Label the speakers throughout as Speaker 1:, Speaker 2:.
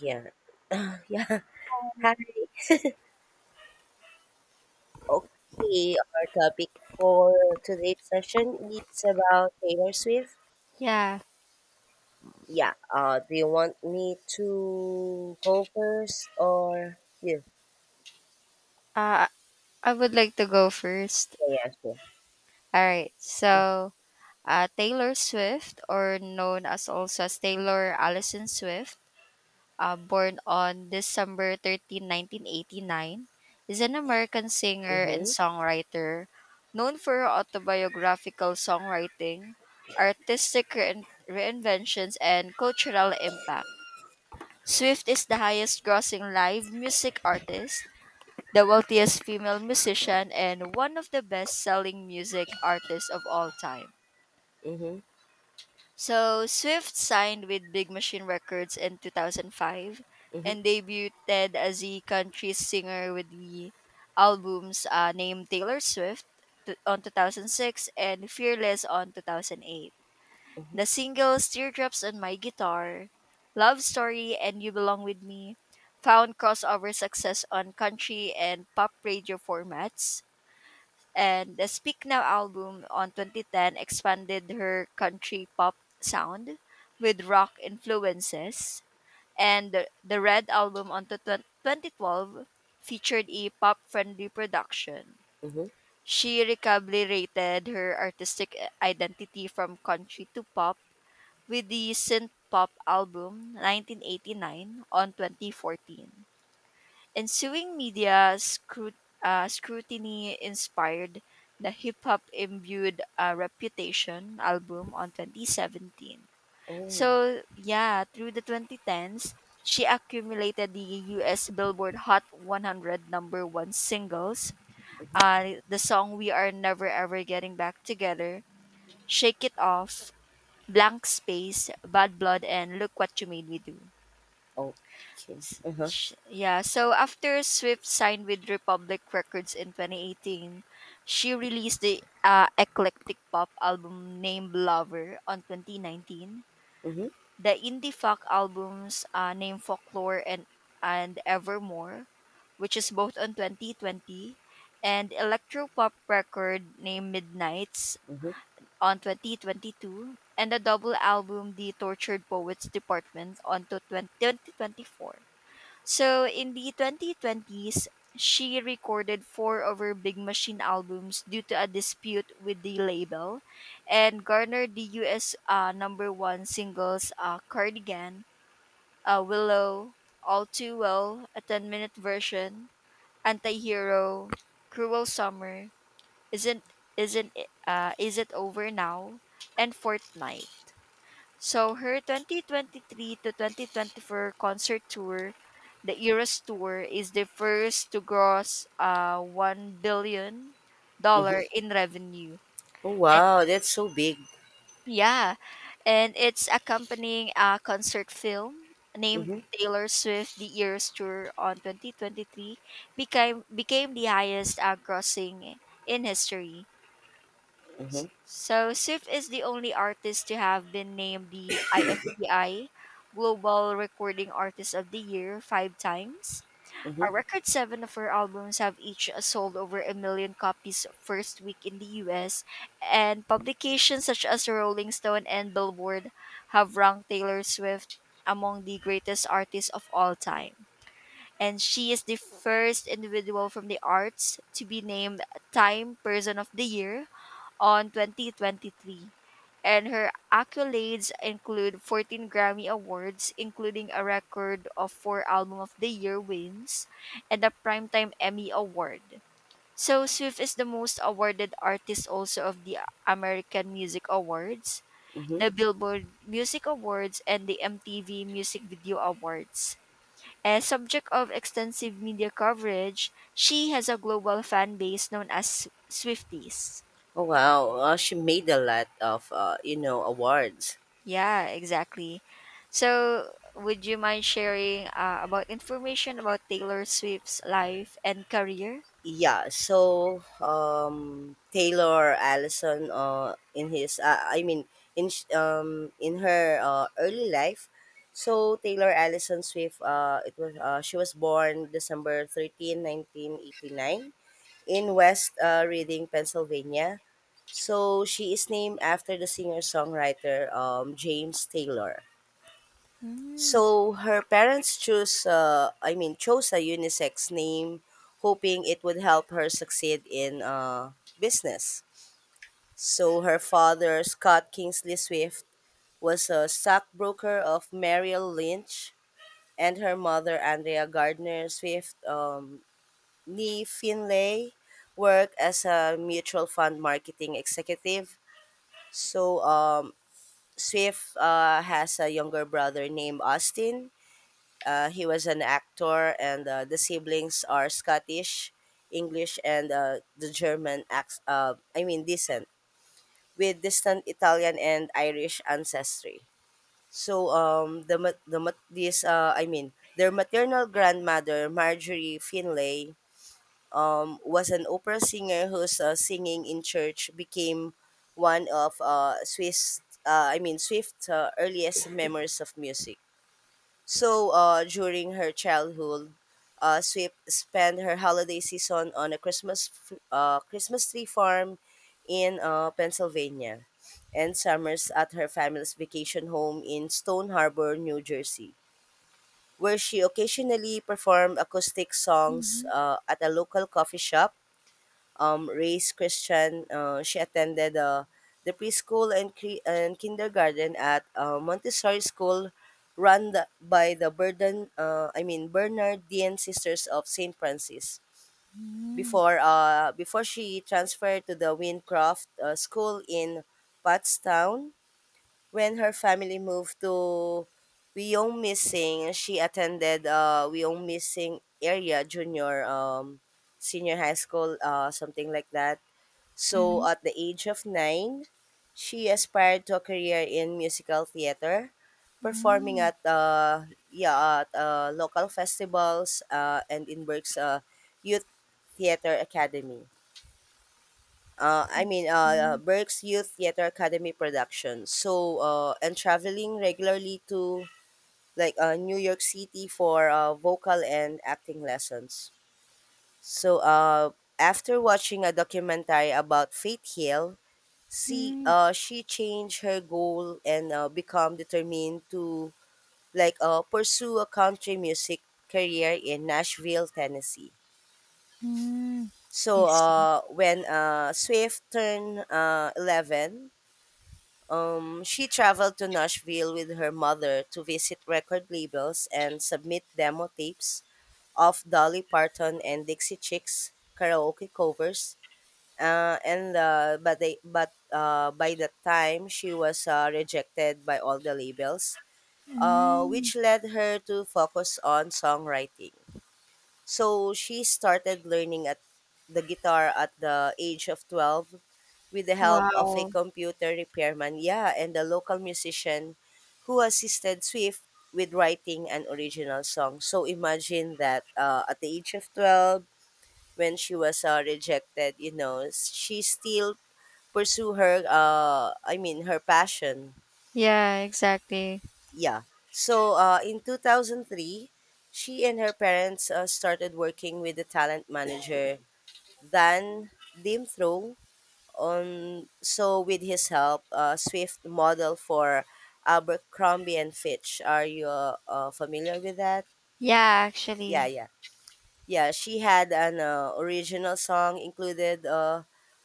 Speaker 1: Yeah. yeah. Hi. Okay, our topic for today's session is about Taylor Swift.
Speaker 2: Yeah,
Speaker 1: Yeah. Do you want me to go first or you?
Speaker 2: uh, I would like to go first.
Speaker 1: Yeah, yeah, sure.
Speaker 2: All right, so Taylor Swift, or known as also as Taylor Allison Swift, born on December 13, 1989, is an American singer and
Speaker 1: Mm-hmm.
Speaker 2: songwriter known for her autobiographical songwriting, artistic reinventions, and cultural impact. Swift is the highest grossing live music artist, the wealthiest female musician, and one of the best selling music artists of all time.
Speaker 1: Mm-hmm.
Speaker 2: So, Swift signed with Big Machine Records in 2005
Speaker 1: Mm-hmm.
Speaker 2: and debuted as a country singer with the albums named Taylor Swift on 2006 and Fearless on 2008.
Speaker 1: Mm-hmm.
Speaker 2: The singles Teardrops on My Guitar, Love Story, and You Belong With Me found crossover success on country and pop radio formats, and the Speak Now album on 2010 expanded her country pop sound with rock influences, and the Red album on to 2012 featured a pop-friendly production.
Speaker 1: Mm-hmm.
Speaker 2: She recalibrated her artistic identity from country to pop with the synth pop album 1989 on 2014. Ensuing media scrutiny inspired the hip hop imbued Reputation album on 2017.
Speaker 1: Oh.
Speaker 2: So, yeah, through the 2010s, she accumulated the US Billboard Hot 100 number one singles.
Speaker 1: Mm-hmm.
Speaker 2: The song We Are Never Ever Getting Back Together, Shake It Off, Blank Space, Bad Blood, and Look What You Made Me Do.
Speaker 1: Oh. Okay. Uh-huh.
Speaker 2: Yeah, so after Swift signed with Republic Records in 2018, she released the eclectic pop album named Lover on 2019,
Speaker 1: Mm-hmm.
Speaker 2: the indie folk albums named Folklore and Evermore, which is both on 2020, and electropop record named Midnights
Speaker 1: Mm-hmm.
Speaker 2: on 2022, and the double album The Tortured Poets Department on to 2024. So in the 2020s, she recorded four of her Big Machine albums due to a dispute with the label and garnered the US number one singles: Cardigan, Willow, All Too Well, a 10-minute version, Antihero, Cruel Summer, Isn't Isn't It- Is It Over Now, and Fortnite. So her 2023 to 2024 concert tour, the Eras Tour, is the first to gross one billion
Speaker 1: Mm-hmm.
Speaker 2: dollar in revenue.
Speaker 1: Oh
Speaker 2: And
Speaker 1: wow, that's so big.
Speaker 2: yeah, and it's accompanying a concert film named
Speaker 1: Mm-hmm.
Speaker 2: Taylor Swift: The Eras Tour on 2023 became the highest grossing in history.
Speaker 1: Mm-hmm.
Speaker 2: So Swift is the only artist to have been named the IFPI Global Recording Artist of the Year five times.
Speaker 1: Mm-hmm.
Speaker 2: A record seven of her albums have each sold over a million copies first week in the US, and publications such as Rolling Stone and Billboard have ranked Taylor Swift among the greatest artists of all time. And she is the first individual from the arts to be named Time Person of the Year on 2023, and her accolades include 14 Grammy Awards, including a record of four Album of the Year wins and a Primetime Emmy Award. So, Swift is the most awarded artist also of the American Music Awards,
Speaker 1: Mm-hmm.
Speaker 2: the Billboard Music Awards, and the MTV Music Video Awards. A subject of extensive media coverage, she has a global fan base known as Swifties.
Speaker 1: Oh wow. She made a lot of awards.
Speaker 2: Yeah, exactly. So, would you mind sharing about information about Taylor Swift's life and career?
Speaker 1: Yeah, so Taylor Allison, I mean, in her early life, so Taylor Allison Swift, it was she was born December 13, 1989, in West Reading, Pennsylvania. So she is named after the singer-songwriter James Taylor.
Speaker 2: Mm.
Speaker 1: So her parents I mean, chose a unisex name, hoping it would help her succeed in business. So her father, Scott Kingsley Swift, was a stockbroker of Merrill Lynch, and her mother, Andrea Gardner Swift, Nee Finlay, worked as a mutual fund marketing executive. So Swift has a younger brother named Austin. He was an actor, and the siblings are Scottish, English, and the German, I mean, descent, with distant Italian and Irish ancestry. So, I mean, their maternal grandmother, Marjorie Finlay, was an opera singer whose singing in church became one of I mean, Swift's earliest memories of music. So, during her childhood, Swift spent her holiday season on a Christmas tree farm in Pennsylvania, and summers at her family's vacation home in Stone Harbor, New Jersey, where she occasionally performed acoustic songs
Speaker 2: Mhm.
Speaker 1: at a local coffee shop. Raised Christian. She attended the preschool and kindergarten at Montessori School by the I mean, Bernardine Sisters of St. Francis.
Speaker 2: Hmm.
Speaker 1: Before she transferred to the Wincroft School in Pottstown. When her family moved to Wyomissing, she attended Wyomissing Area Junior Senior High School, something like that. So,
Speaker 2: Mhm.
Speaker 1: at the age of nine, she aspired to a career in musical theater, performing
Speaker 2: Hmm.
Speaker 1: at yeah, at local festivals and in Berk's Youth Theater Academy. I
Speaker 2: I
Speaker 1: mean,
Speaker 2: see.
Speaker 1: Berk's Youth Theater Academy production. So, and traveling regularly to like New York City for vocal and acting lessons. So, after watching a documentary about Faith Hill, see
Speaker 2: Hmm.
Speaker 1: she changed her goal and become determined to like pursue a country music career in Nashville, Tennessee. So
Speaker 2: I see.
Speaker 1: when Swift turned 11, she traveled to Nashville with her mother to visit record labels and submit demo tapes of Dolly Parton and Dixie Chicks karaoke covers. And but they but by that time she was rejected by all the labels,
Speaker 2: Mm.
Speaker 1: which led her to focus on songwriting. So she started learning at the guitar at the age of 12 with the help of a
Speaker 2: Wow.
Speaker 1: computer repairman, yeah, and a local musician who assisted Swift with writing an original song. So imagine that, at the age of 12, when she was rejected, she still pursue her I mean her passion.
Speaker 2: Yeah, exactly.
Speaker 1: Yeah. So in 2003, she and her parents started working with the talent manager Dan Dimthrow. On so with his help, Swift model for Abercrombie and Fitch. Are you familiar with that?
Speaker 2: Yeah,
Speaker 1: Yeah,
Speaker 2: actually.
Speaker 1: yeah. Yeah, she had an original song included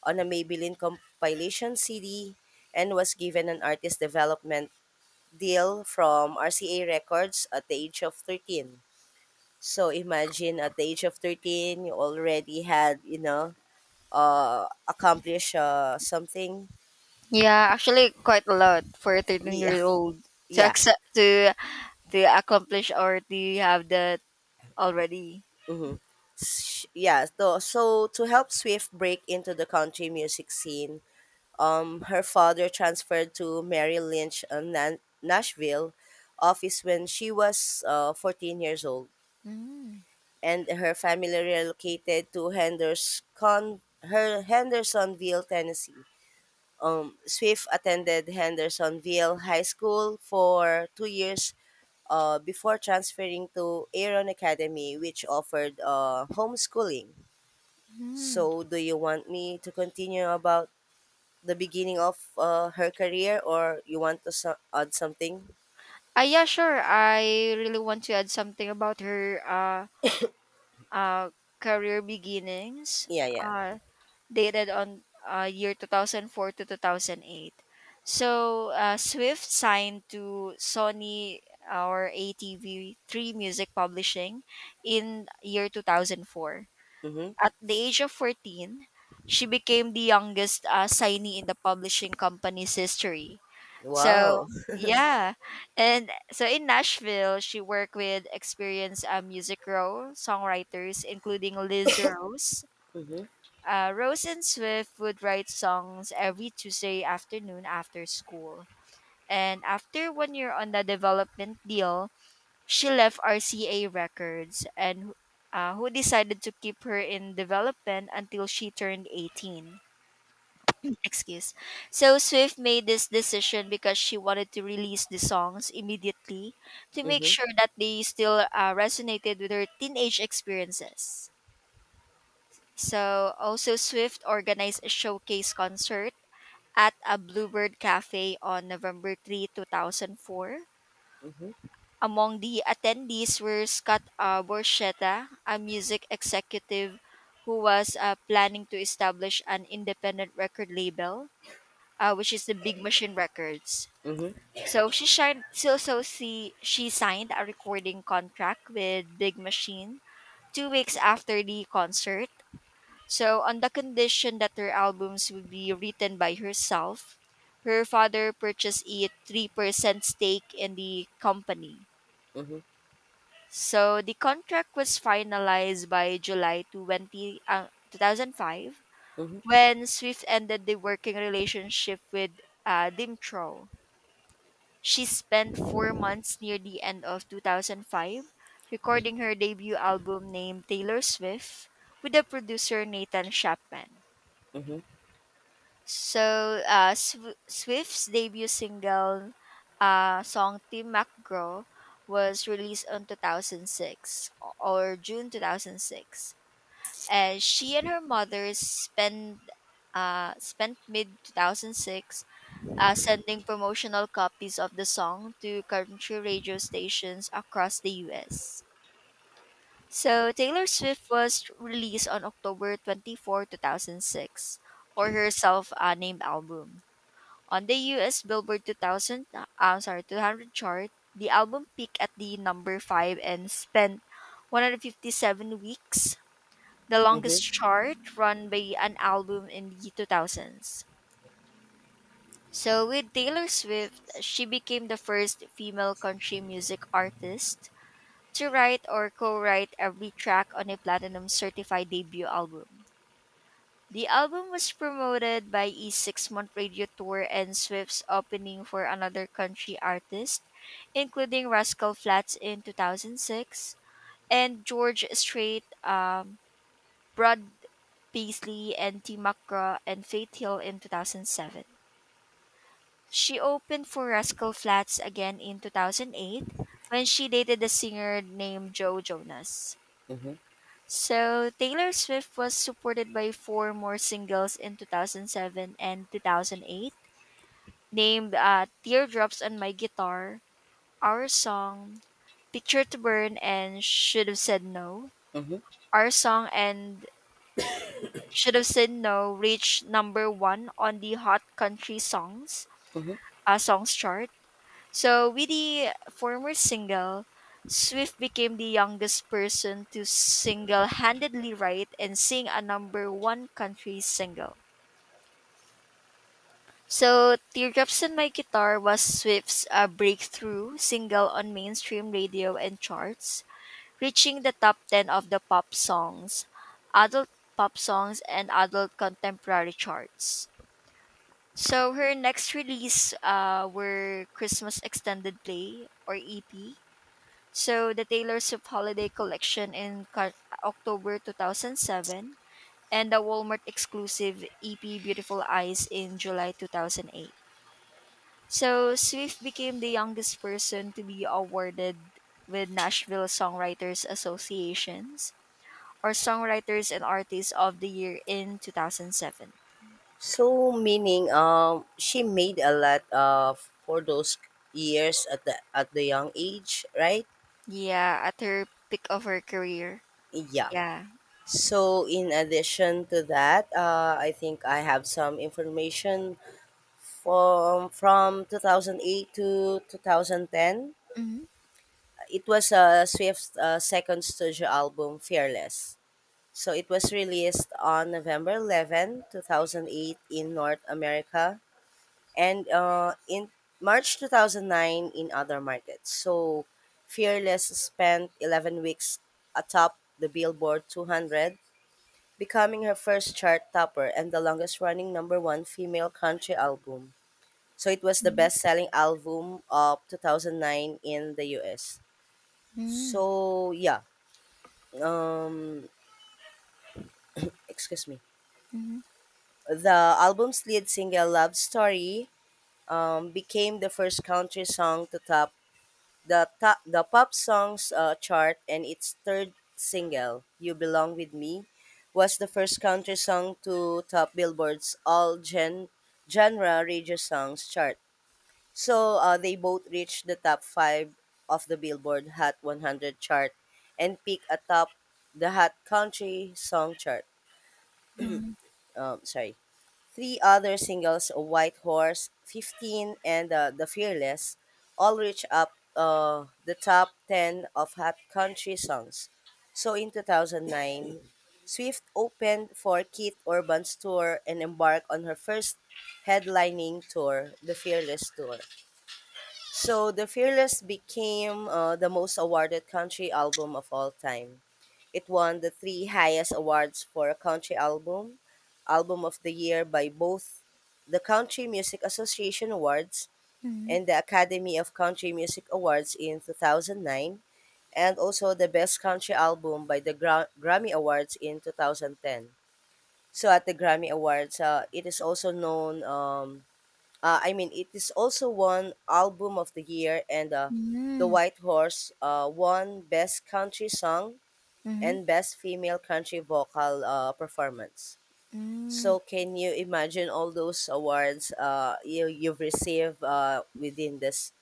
Speaker 1: on a Maybelline compilation CD and was given an artist development deal from RCA Records at the age of 13. So imagine at the age of 13, you already had accomplished something.
Speaker 2: Yeah, actually quite a lot for a
Speaker 1: Yeah,
Speaker 2: 13-year-old to
Speaker 1: yeah.
Speaker 2: accept to accomplish or to have that already.
Speaker 1: Mm-hmm. Yeah, so, to help Swift break into the country music scene, her father transferred to Mary Lynch, Nashville office, when she was 14 years old. And her family relocated to Hendersonville, Tennessee. Swift attended Hendersonville High School for 2 years before transferring to Aaron Academy, which offered homeschooling.
Speaker 2: Mm.
Speaker 1: So, do you want me to continue about the beginning of her career, or you want to add something?
Speaker 2: Ah, yeah, sure. I really want to add something about her uh, career beginnings,
Speaker 1: Yeah, yeah.
Speaker 2: uh, dated on year 2004 to 2008. So, Swift signed to Sony or ATV3 Music Publishing in year 2004.
Speaker 1: Mhm.
Speaker 2: At the age of 14, she became the youngest signee in the publishing company's history. So,
Speaker 1: Wow.
Speaker 2: yeah. And so in Nashville, she worked with experienced music row songwriters, including Liz Rose.
Speaker 1: Mhm.
Speaker 2: Rose and Swift would write songs every Tuesday afternoon after school. And after one year on the development deal, she left RCA Records and who decided to keep her in development until she turned 18. Excuse. So Swift made this decision because she wanted to release the songs immediately to make
Speaker 1: Mhm.
Speaker 2: sure that they still resonated with her teenage experiences. So also Swift organized a showcase concert at a Bluebird Cafe on November 3, 2004.
Speaker 1: Mhm.
Speaker 2: Among the attendees were Scott Borchetta, a music executive who was planning to establish an independent record label, which is the Big Machine Records.
Speaker 1: Mhm.
Speaker 2: So she signed, so, so she signed a recording contract with Big Machine 2 weeks after the concert. So, on the condition that her albums would be written by herself, her father purchased a 3% stake in the company.
Speaker 1: Mhm.
Speaker 2: So the contract was finalized by July 20, 2005
Speaker 1: Mhm.
Speaker 2: when Swift ended the working relationship with Dimtrol. She spent 4 months near the end of 2005 recording her debut album named Taylor Swift with the producer Nathan Chapman.
Speaker 1: Mhm.
Speaker 2: So, Swift's debut single, song Tim McGraw, was released in 2006 or June 2006. And she and her mother spent spent mid 2006 sending promotional copies of the song to country radio stations across the US. So Taylor Swift was released on October 24, 2006, or her self named album. On the US Billboard 2000, I'm sorry, 200 chart, the album peaked at the number 5 and spent 157 weeks, the
Speaker 1: Mhm.
Speaker 2: longest chart run by an album in the 2000s. So with Taylor Swift, she became the first female country music artist to write or co-write every track on a platinum certified debut album. The album was promoted by a 6 month radio tour and Swift's opening for another country artist, including Rascal Flats in 2006 and George Strait, Brad Paisley, and Tim McGraw and Faith Hill in 2007. She opened for Rascal Flats again in 2008 when she dated a singer named Joe Jonas.
Speaker 1: Mm-hmm.
Speaker 2: So, Taylor Swift was supported by four more singles in 2007 and 2008, named Teardrops on My Guitar, Our Song, Picture to Burn, and Should Have Said No.
Speaker 1: Mm-hmm.
Speaker 2: Our Song and Should Have Said No reached number one on the Hot Country Songs
Speaker 1: Mm-hmm.
Speaker 2: uh, songs chart. So, with the former single, Swift became the youngest person to single handedly write and sing a number one country single. So, Teardrops on My Guitar was Swift's breakthrough single on mainstream radio and charts, reaching the top 10 of the pop songs, adult pop songs, and adult contemporary charts. So, her next release were Christmas Extended Play or EP. So the Taylor Swift Holiday Collection in October 2007 and the Walmart exclusive EP Beautiful Eyes in July 2008. So Swift became the youngest person to be awarded with Nashville Songwriters Associations or Songwriters and Artists of the Year in 2007.
Speaker 1: So meaning she made a lot of for those years at the young age, right?
Speaker 2: Yeah, at her peak of her career.
Speaker 1: Yeah.
Speaker 2: Yeah.
Speaker 1: So in addition to that, I think I have some information from 2008 to 2010.
Speaker 2: Mm-hmm.
Speaker 1: It was a Swift second studio album, Fearless. So it was released on November 11, 2008 in North America and in March 2009 in other markets. So Fearless spent 11 weeks atop the Billboard 200, becoming her first chart topper and the longest running number one female country album. So it was the best selling album of 2009 in the US.
Speaker 2: Mm-hmm.
Speaker 1: So yeah, um, excuse me.
Speaker 2: Mm-hmm.
Speaker 1: The album's lead single "Love Story" became the first country song to top the pop songs chart, and its third single "You Belong with Me" was the first country song to top Billboard's all genre radio songs chart. So they both reached the top five of the Billboard Hot 100 chart and peak atop the Hot Country Song chart.
Speaker 2: Mm-hmm.
Speaker 1: Sorry. Three other singles, White Horse, 15, and The Fearless, all reached up the top 10 of Hot Country Songs. So in 2009, Swift opened for Keith Urban's tour and embarked on her first headlining tour, The Fearless Tour. So The Fearless became the most awarded country album of all time. It won the three highest awards for a country album: Album of the Year by both the Country Music Association Awards
Speaker 2: Mm-hmm.
Speaker 1: and the Academy of Country Music Awards in 2009, and also the Best Country Album by the Grammy Awards in 2010. So at the Grammy Awards, it is also known I mean, it is also won Album of the Year, and The
Speaker 2: Mm-hmm.
Speaker 1: White Horse won Best Country Song
Speaker 2: Mm-hmm.
Speaker 1: and Best Female Country Vocal Performance.
Speaker 2: Mm-hmm.
Speaker 1: So can you imagine all those awards you've received within this,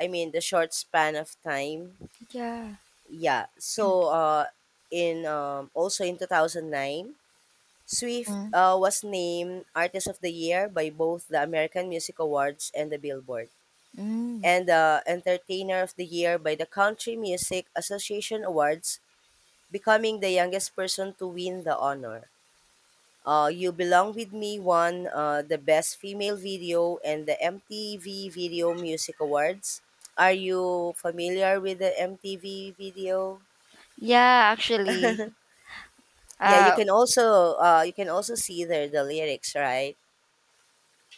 Speaker 1: I mean, the short span of time?
Speaker 2: Yeah.
Speaker 1: Yeah. So in also in 2009, Swift
Speaker 2: Mm,
Speaker 1: was named Artist of the Year by both the American Music Awards and the Billboard,
Speaker 2: mm.
Speaker 1: and the Entertainer of the Year by the Country Music Association Awards, becoming the youngest person to win the honor. You Belong With Me won the Best Female Video and the MTV Video Music Awards. Are you familiar with the MTV video?
Speaker 2: Yeah, actually.
Speaker 1: Yeah, you
Speaker 2: Uh
Speaker 1: can also see there the lyrics, right?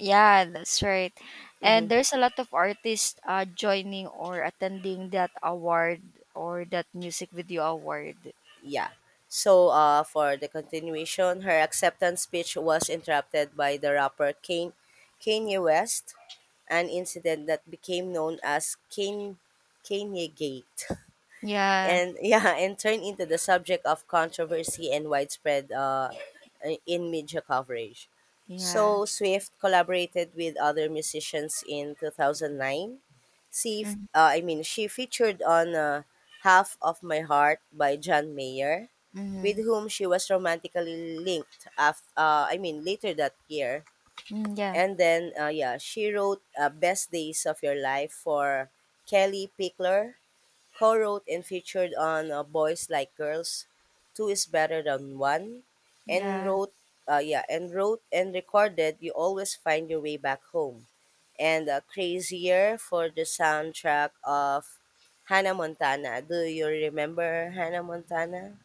Speaker 2: yeah, that's right.
Speaker 1: Hmm,
Speaker 2: And there's a lot of artists joining or attending that award or that music video award.
Speaker 1: yeah. So, for the continuation, her acceptance speech was interrupted by the rapper Kanye West, an incident that became known as Kanye Gate,
Speaker 2: Yeah.
Speaker 1: and yeah, and turned into the subject of controversy and widespread in media coverage.
Speaker 2: Yeah.
Speaker 1: So Swift collaborated with other musicians in 2009,
Speaker 2: Mm-hmm.
Speaker 1: I mean, she featured on "Half of My Heart" by John Mayer, with whom she was romantically linked. I mean, later that year,
Speaker 2: Mm, yeah.
Speaker 1: and then yeah, she wrote "Best Days of Your Life" for Kelly Pickler, co-wrote and featured on Boys Like Girls, Two is Better Than One, and
Speaker 2: Yeah.
Speaker 1: wrote yeah, and wrote and recorded You Always Find Your Way Back Home, and Crazier, for the soundtrack of Hannah Montana. Do you remember Hannah Montana,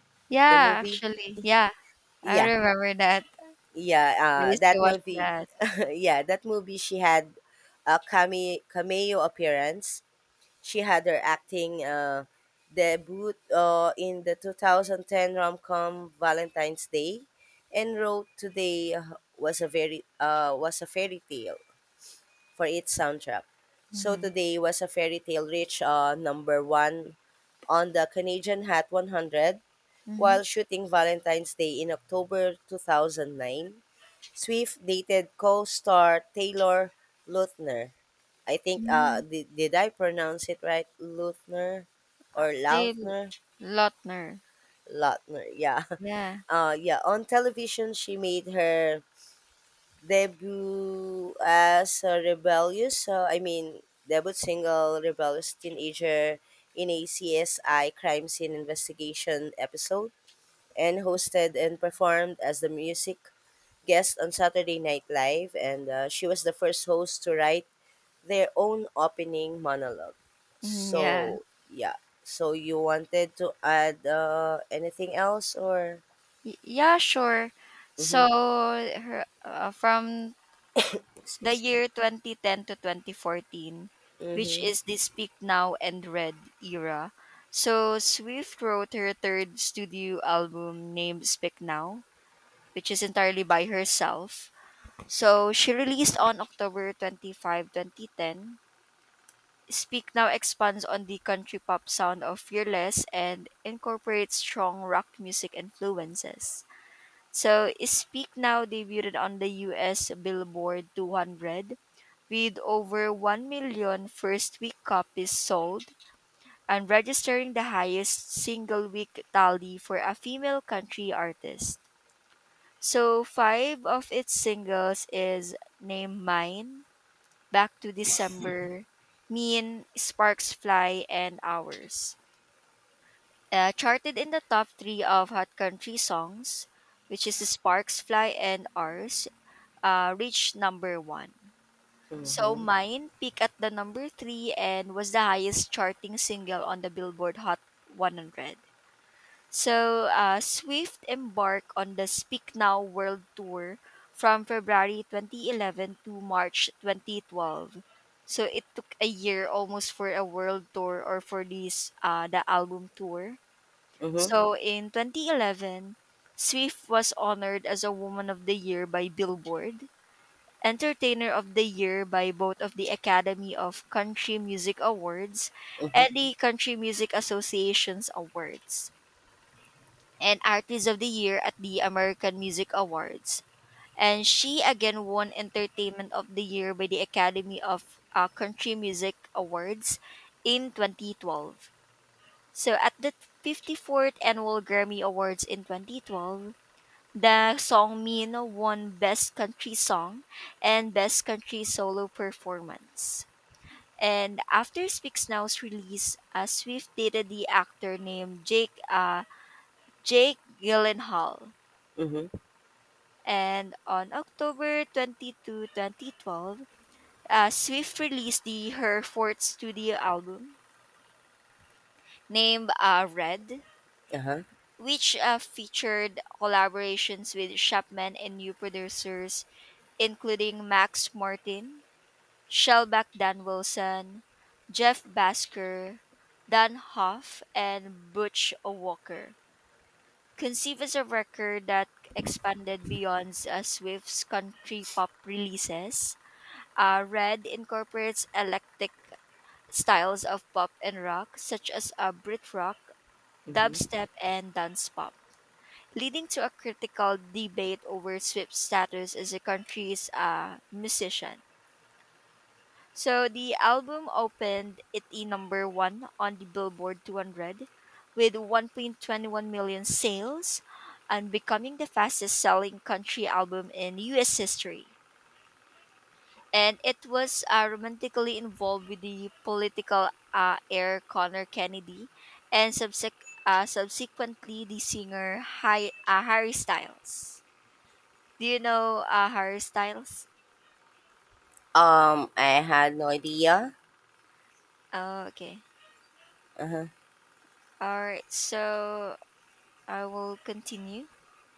Speaker 1: the
Speaker 2: Yeah,
Speaker 1: movie?
Speaker 2: actually. Yeah. I
Speaker 1: Yeah,
Speaker 2: remember that.
Speaker 1: yeah,
Speaker 2: I used to
Speaker 1: that
Speaker 2: watch
Speaker 1: movie,
Speaker 2: that.
Speaker 1: yeah, that movie she had a cameo appearance. She had her acting debut in the 2010 rom-com Valentine's Day, and wrote Today was a fairy tale for its soundtrack. So
Speaker 2: Mhm.
Speaker 1: Today was a fairy tale reached number 1 on the Canadian Hot 100
Speaker 2: Mhm.
Speaker 1: while shooting Valentine's Day in October 2009. Swift dated co-star Taylor Lautner. I think
Speaker 2: Mm.
Speaker 1: did I pronounce it right? Luthner or
Speaker 2: Taylor
Speaker 1: Lautner?
Speaker 2: Lautner.
Speaker 1: Lautner, yeah.
Speaker 2: Yeah.
Speaker 1: Yeah, on television she made her debut as a rebellious, I mean, debut single rebellious teenager in a CSI crime scene investigation episode, and hosted and performed as the music guest on Saturday Night Live, and she was the first host to write their own opening monologue.
Speaker 2: Hmm. Yeah.
Speaker 1: So yeah. So you wanted to add anything else or?
Speaker 2: Yeah, sure.
Speaker 1: Mm-hmm.
Speaker 2: So her, from the
Speaker 1: Excuse me.
Speaker 2: year 2010 to 2014, which
Speaker 1: Mm-hmm.
Speaker 2: is the Speak Now and Red era. So Swift wrote her third studio album named Speak Now, which is entirely by herself. So she released on October 25, 2010. Speak Now expands on the country pop sound of Fearless and incorporates strong rock music influences. So, Speak Now debuted on the US Billboard 200 with over 1 million first week copies sold and registering the highest single week tally for a female country artist. So, five of its singles is Name Mine, Back to December, Mean, Sparks Fly, and Hours. Charted in the top three of Hot Country Songs, which is the Sparks Fly and Ours, reached number one. So
Speaker 1: Mm-hmm.
Speaker 2: mine peaked at the number three and was the highest charting single on the Billboard Hot 100. So Swift embarked on the Speak Now World Tour from February 2011 to March 2012. So it took a year almost for a world tour or for this the album tour.
Speaker 1: Mm-hmm.
Speaker 2: So in 2011, Swift was honored as a Woman of the Year by Billboard. Entertainer of the Year by both of the Academy of Country Music Awards
Speaker 1: Mm-hmm.
Speaker 2: and the Country Music Association's Awards, and Artist of the Year at the American Music Awards. And she again won Entertainment of the Year by the Academy of Country Music Awards in 2012. So at the 54th Annual Grammy Awards in 2012, the song Mino won Best Country Song and Best Country Solo Performance. And after Speaks Now's release, Swift dated the actor named Jake Gyllenhaal.
Speaker 1: Mm-hmm.
Speaker 2: And on October 22, 2012, Swift released the her fourth studio album named Red,
Speaker 1: Uh-huh.
Speaker 2: which featured collaborations with Chapman and new producers including Max Martin, Shellback Dan Wilson, Jeff Basker, Dan Hoff, and Butch Walker. Conceived as a record that expanded beyond Swift's country pop releases, Red incorporates eclectic styles of pop and rock, such as Brit rock,
Speaker 1: Mm-hmm.
Speaker 2: dubstep, and dance pop, leading to a critical debate over Swift's status as a country's musician. So the album opened at the number one on the Billboard 200 with 1.21 million sales and becoming the fastest selling country album in US history. And it was romantically involved with the political heir Connor Kennedy and subsequently the singer Harry Styles. Do you know Harry Styles?
Speaker 1: I had no idea.
Speaker 2: Oh, okay.
Speaker 1: Uh-huh.
Speaker 2: All right. So I will continue.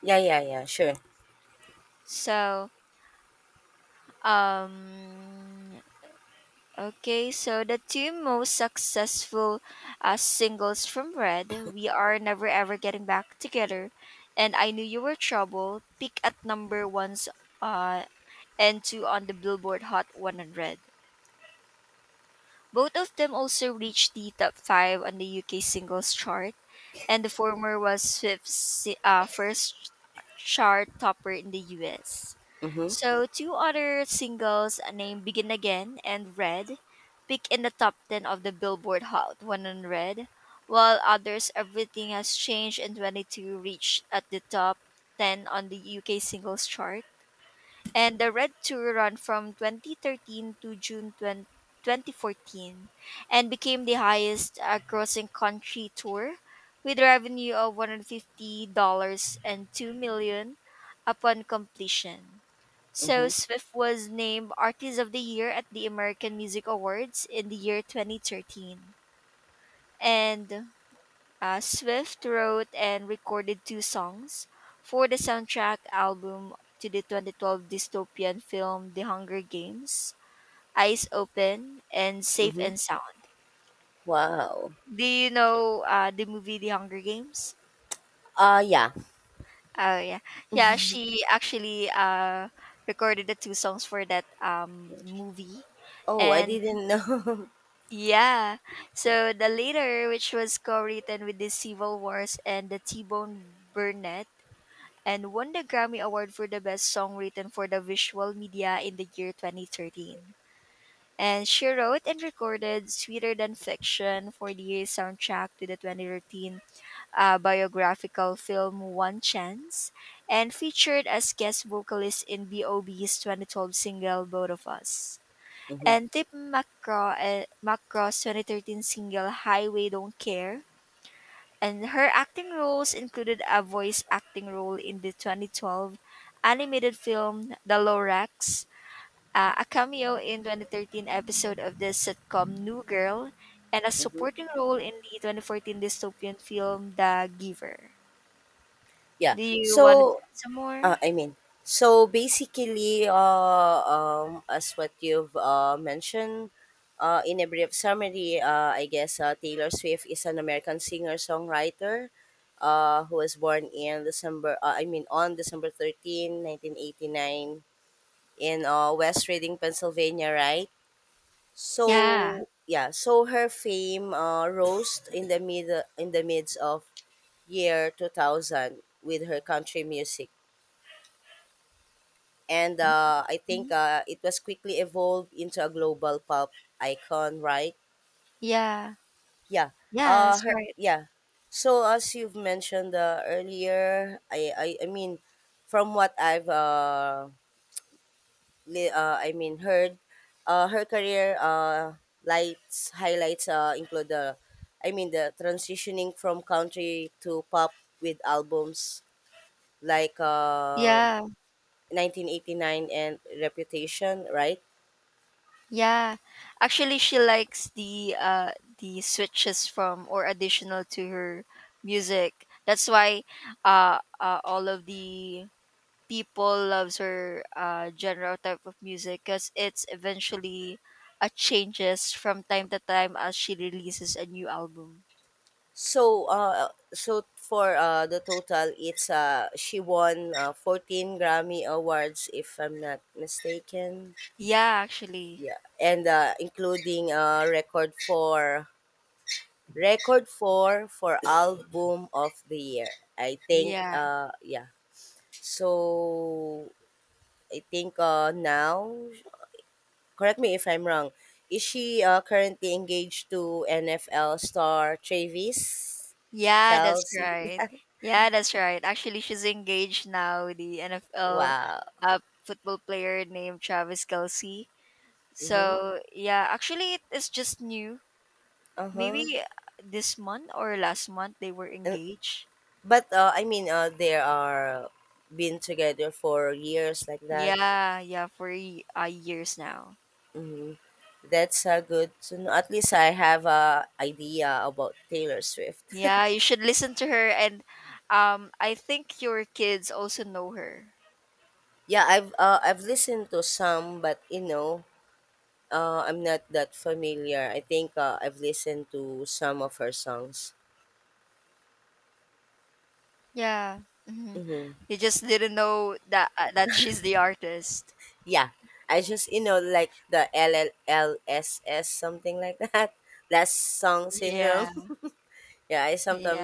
Speaker 1: Yeah, yeah, yeah. Sure.
Speaker 2: So, um, okay, so the two most successful singles from Red, We Are Never Ever Getting Back Together, and I Knew You Were Trouble, peak at number one's uh, and two on the Billboard Hot 100. Both of them also reached the top five on the UK singles chart, and the former was first chart topper in the US.
Speaker 1: Mm-hmm.
Speaker 2: So two other singles named Begin Again and Red peak in the top 10 of the Billboard Hot 100, while others Everything Has Changed and 22 reached at the top 10 on the UK singles chart, and the Red Tour ran from 2013 to June 20, 2014, and became the highest grossing country tour with revenue of $150 and 2 million upon completion. So
Speaker 1: Mm-hmm.
Speaker 2: Swift was named Artist of the Year at the American Music Awards in the year 2013. And Swift wrote and recorded two songs for the soundtrack album to the 2012 dystopian film The Hunger Games, Eyes Open and Safe
Speaker 1: Mm-hmm.
Speaker 2: and Sound.
Speaker 1: Wow.
Speaker 2: Do you know the movie The Hunger Games?
Speaker 1: Yeah.
Speaker 2: Oh, yeah. Yeah, she actually recorded the two songs for that movie.
Speaker 1: Oh, I
Speaker 2: And
Speaker 1: didn't know.
Speaker 2: yeah, so the later, which was co written with the Civil Wars and the T Bone Burnett, and won the Grammy Award for the Best Song Written for the Visual Media in the year 2013. And she wrote and recorded Sweeter Than Fiction for the soundtrack to the 2013 biographical film One Chance and featured as guest vocalist in B.O.B.'s 2012 single Both of Us.
Speaker 1: mm-hmm.
Speaker 2: And Tip McCraw, McCraw's 2013 single Highway Don't Care, and her acting roles included a voice acting role in the 2012 animated film The Lorax, a cameo in 2013 episode of the sitcom New Girl, and a
Speaker 1: Mm-hmm.
Speaker 2: supporting role in the 2014 dystopian film The Giver.
Speaker 1: Yeah.
Speaker 2: Do you want to
Speaker 1: So
Speaker 2: add some more?
Speaker 1: I mean, so basically, as what you've mentioned in a brief summary, I guess Taylor Swift is an American singer songwriter who was born in I mean, on December 13, 1989, in West Reading, Pennsylvania, right?
Speaker 2: Yeah.
Speaker 1: So yeah, so her fame rose in the midst of year 2000 with her country music, and I think
Speaker 2: Mhm.
Speaker 1: it was quickly evolved into a global pulp icon, right?
Speaker 2: Yeah.
Speaker 1: Yeah.
Speaker 2: Yeah, that's right.
Speaker 1: Yeah. So as you've mentioned earlier, I mean, from what I've I mean heard, her career lights highlights include I mean the transitioning from country to pop with albums like
Speaker 2: Yeah.
Speaker 1: 1989 and Reputation, right?
Speaker 2: Yeah, actually, she likes the switches from or additional to her music. That's why all of the people loves her genre or type of music because it's eventually changes from time to time as she releases a new album.
Speaker 1: So, so for the total, it's she won 14 Grammy Awards, if I'm not mistaken.
Speaker 2: Yeah, actually,
Speaker 1: Yeah, and including record four for album of the year. I think,
Speaker 2: yeah,
Speaker 1: yeah. So I think now, correct me if I'm wrong. Is she currently engaged to NFL star Travis
Speaker 2: yeah, that's
Speaker 1: Kelsey?
Speaker 2: right. Yeah, that's right. Actually, she's engaged now with the NFL
Speaker 1: Wow.
Speaker 2: uh, football player named Travis Kelsey.
Speaker 1: Mhm.
Speaker 2: So yeah, actually it is just new. Maybe
Speaker 1: Uh-huh.
Speaker 2: this month or last month they were
Speaker 1: And,
Speaker 2: engaged.
Speaker 1: but I mean, they are been together for years like that.
Speaker 2: Years now.
Speaker 1: Hmm. That's good to know. At least I have a idea about Taylor Swift.
Speaker 2: Yeah, you should listen to her, and I think your kids also know her.
Speaker 1: yeah, I've listened to some, but I'm not that familiar. I think I've listened to some of her songs.
Speaker 2: Yeah, hmm
Speaker 1: Hmm.
Speaker 2: you just didn't know that that she's the artist.
Speaker 1: Yeah, I just like the LLLSS, something like that. Last song syndrome.
Speaker 2: Yeah,
Speaker 1: yeah, I sometimes
Speaker 2: yeah.